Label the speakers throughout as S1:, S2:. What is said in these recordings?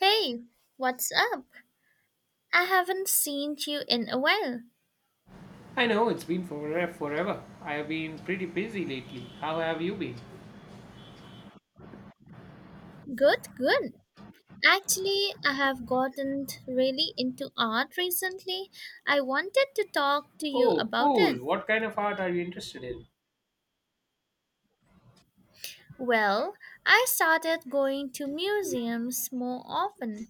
S1: Hey, what's up? I haven't seen you in a while.
S2: I know it's been forever. I have been pretty busy lately. How have you been?
S1: Good, good. Actually, I have gotten really into art recently. I wanted to talk to you
S2: Oh,
S1: about it.
S2: cool. What kind of art are you interested in?
S1: Well, I started going to museums more often.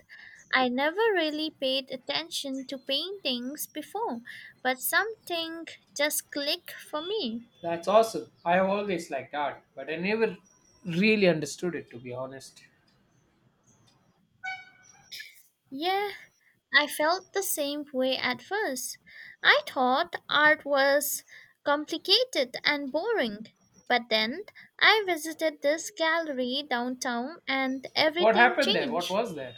S1: I never really paid attention to paintings before, but something just clicked for me.
S2: That's awesome. I have always liked art, but I never really understood it, to be honest.
S1: Yeah, I felt the same way at first. I thought art was complicated and boring. But then I visited this gallery downtown and
S2: What
S1: everything
S2: happened there? What
S1: changed.
S2: was there?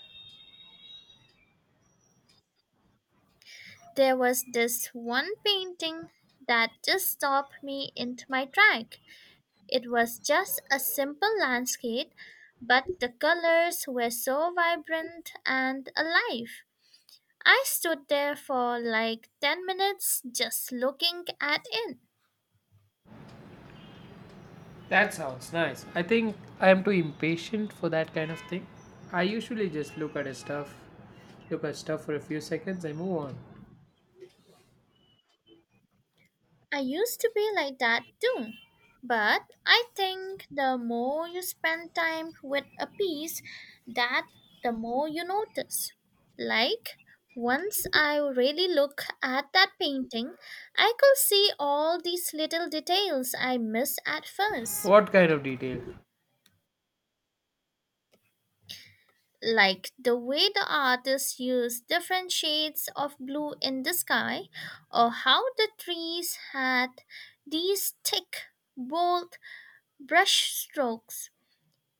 S1: There was this one painting that just stopped me in my track. It was just a simple landscape, but the colors were so vibrant and alive. I stood there for like 10 minutes just looking at it.
S2: That sounds nice. I think I am too impatient for that kind of thing. I usually just look at a stuff, look at stuff for a few seconds and move on.
S1: I used to be like that too. But I think the more you spend time with a piece, that the more you notice. Like once I really look at that painting, I could see all these little details I missed at first.
S2: What kind of detail?
S1: Like the way the artists used different shades of blue in the sky, or how the trees had these thick, bold brush strokes.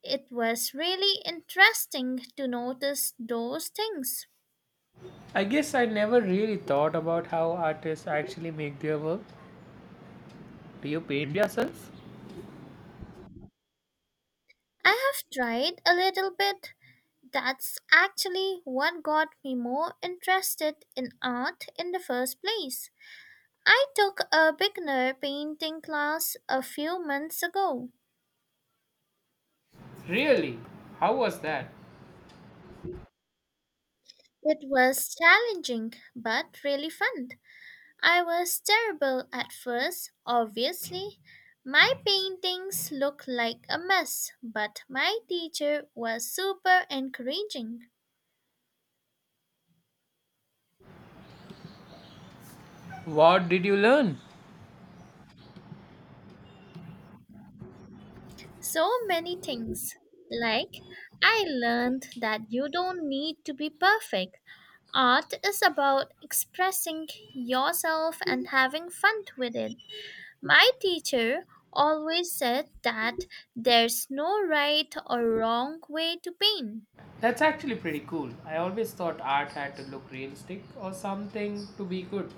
S1: It was really interesting to notice those things.
S2: I guess I never really thought about how artists actually make their work. Do you paint yourself?
S1: I have tried a little bit. That's actually what got me more interested in art in the first place. I took a beginner painting class a few months ago.
S2: Really? How was that?
S1: It was challenging, but really fun. I was terrible at first, obviously. My paintings looked like a mess, but my teacher was super encouraging.
S2: What did you learn?
S1: So many things. Like, I learned that you don't need to be perfect. Art is about expressing yourself and having fun with it. My teacher always said that there's no right or wrong way to paint.
S2: That's actually pretty cool. I always thought art had to look realistic or something to be good.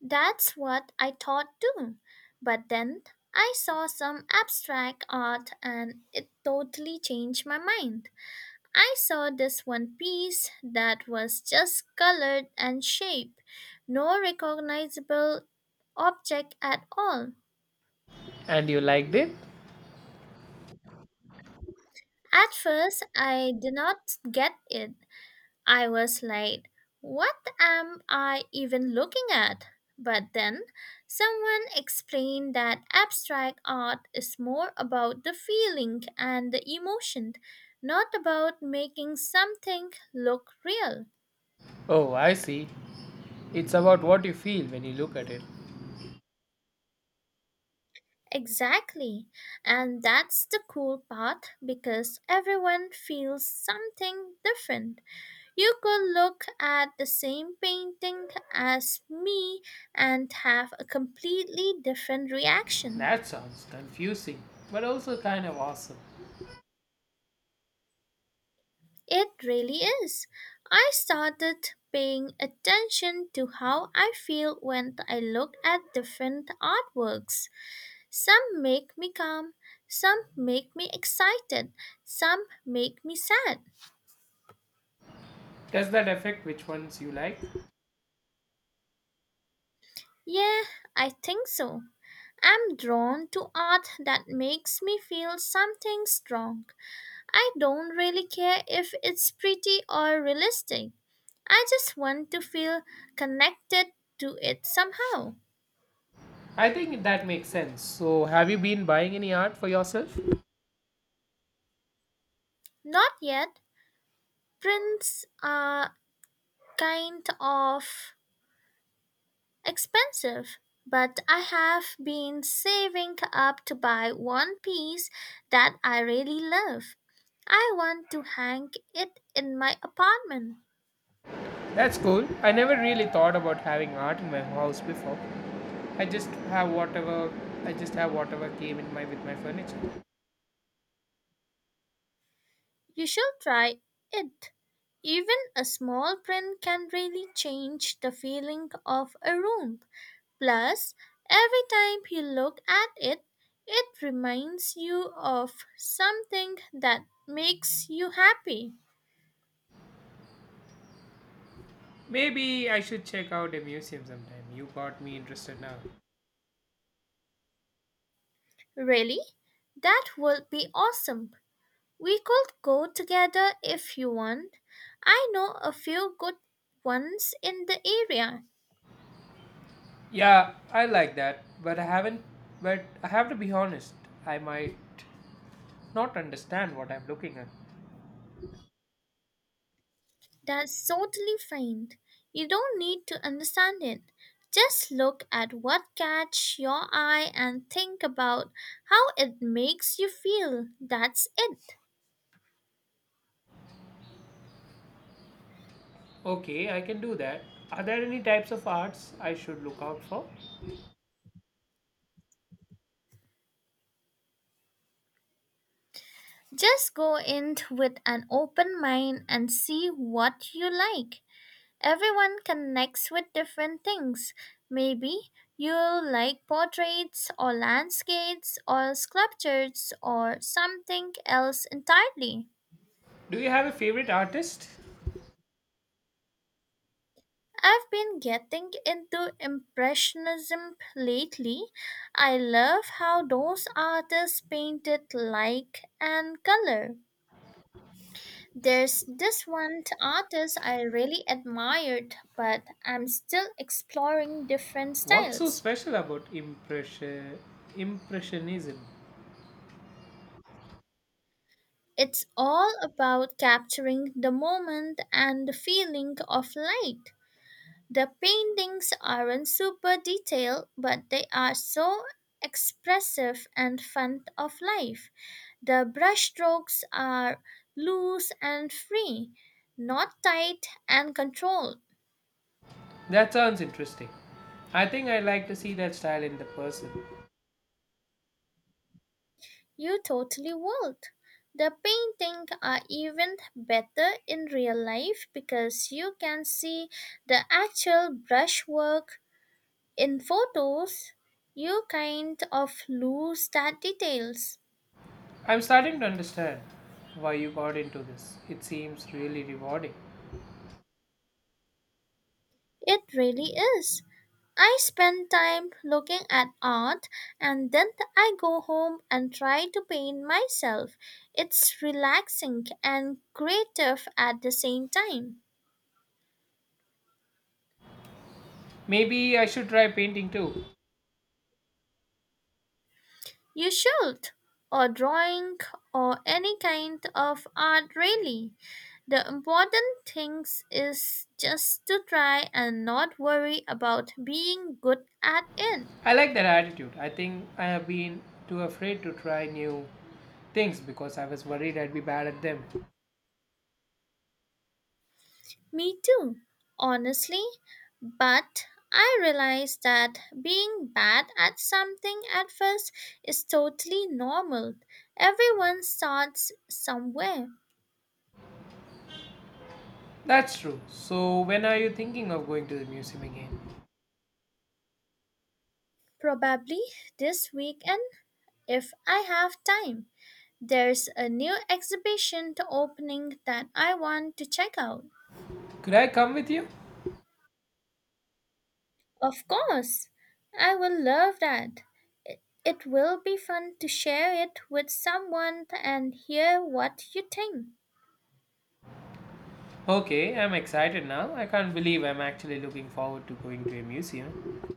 S1: That's what I thought too. But then I saw some abstract art and it totally changed my mind. I saw this one piece that was just colored and shape, no recognizable object at all.
S2: And you liked it?
S1: At first, I did not get it, I was like, what am I even looking at? But then someone explained that abstract art is more about the feeling and the emotion, not about making something look real.
S2: Oh, I see. It's about what you feel when you look at it.
S1: Exactly. And that's the cool part because everyone feels something different. You could look at the same painting as me and have a completely different reaction.
S2: That sounds confusing, but also kind of awesome.
S1: It really is. I started paying attention to how I feel when I look at different artworks. Some make me calm, some make me excited, some make me sad.
S2: Does that affect which ones you like?
S1: Yeah, I think so. I'm drawn to art that makes me feel something strong. I don't really care if it's pretty or realistic. I just want to feel connected to it somehow.
S2: I think that makes sense. So, have you been buying any art for yourself?
S1: Not yet. Prints are kind of expensive, but I have been saving up to buy one piece that I really love. I want to hang it in my apartment.
S2: That's cool. I never really thought about having art in my house before. I just have whatever I just have whatever came in my with my furniture.
S1: You should try it. Even a small print can really change the feeling of a room. Plus, every time you look at it, it reminds you of something that makes you happy.
S2: Maybe I should check out a museum sometime. You got me interested now.
S1: Really? That would be awesome. We could go together if you want. I know a few good ones in the area.
S2: Yeah, I like that, but I haven't but I have to be honest. I might not understand what I'm looking at.
S1: That's totally fine. You don't need to understand it. Just look at what catch your eye and think about how it makes you feel. That's it.
S2: Okay, I can do that. Are there any types of arts I should look out for?
S1: Just go in with an open mind and see what you like. Everyone connects with different things. Maybe you like portraits or landscapes or sculptures or something else entirely.
S2: Do you have a favorite artist?
S1: I've been getting into Impressionism lately. I love how those artists painted light and color. There's this one artist I really admired, but I'm still exploring different
S2: What's so
S1: styles.
S2: special about impressionism?
S1: It's all about capturing the moment and the feeling of light. The paintings aren't super detailed, but they are so expressive and fun of life. The brushstrokes are loose and free, not tight and controlled.
S2: That sounds interesting. I think I like to see that style in the person.
S1: You totally wilt. The paintings are even better in real life because you can see the actual brushwork in photos. You kind of lose that details.
S2: I'm starting to understand why you got into this. It seems really rewarding.
S1: It really is. I spend time looking at art and then I go home and try to paint myself. It's relaxing and creative at the same time.
S2: Maybe I should try painting too.
S1: You should. Or drawing or any kind of art, really. The important thing is just to try and not worry about being good at it.
S2: I like that attitude. I think I have been too afraid to try new things because I was worried I'd be bad at them.
S1: Me too, honestly. But I realized that being bad at something at first is totally normal. Everyone starts somewhere.
S2: That's true. So, when are you thinking of going to the museum again?
S1: Probably this weekend, if I have time. There's a new exhibition opening that I want to check out.
S2: Could I come with you?
S1: Of course, I will love that. It will be fun to share it with someone and hear what you think.
S2: Okay, I'm excited now. I can't believe I'm actually looking forward to going to a museum.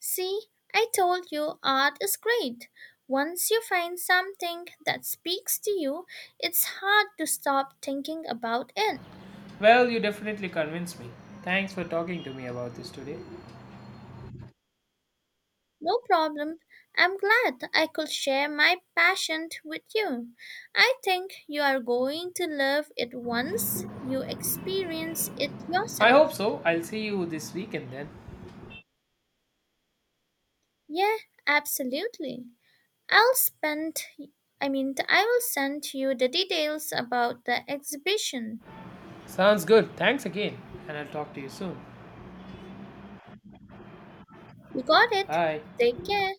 S1: See, I told you art is great. Once you find something that speaks to you, it's hard to stop thinking about it.
S2: Well, you definitely convinced me. Thanks for talking to me about this today.
S1: No problem. I'm glad I could share my passion with you. I think you are going to love it once you experience it
S2: I
S1: yourself.
S2: hope so. I'll see you this weekend then.
S1: Yeah, absolutely. I'll spend, I mean, I will send you the details about the exhibition.
S2: Sounds good. Thanks again, and I'll talk to you soon.
S1: You got it.
S2: Bye.
S1: Take care.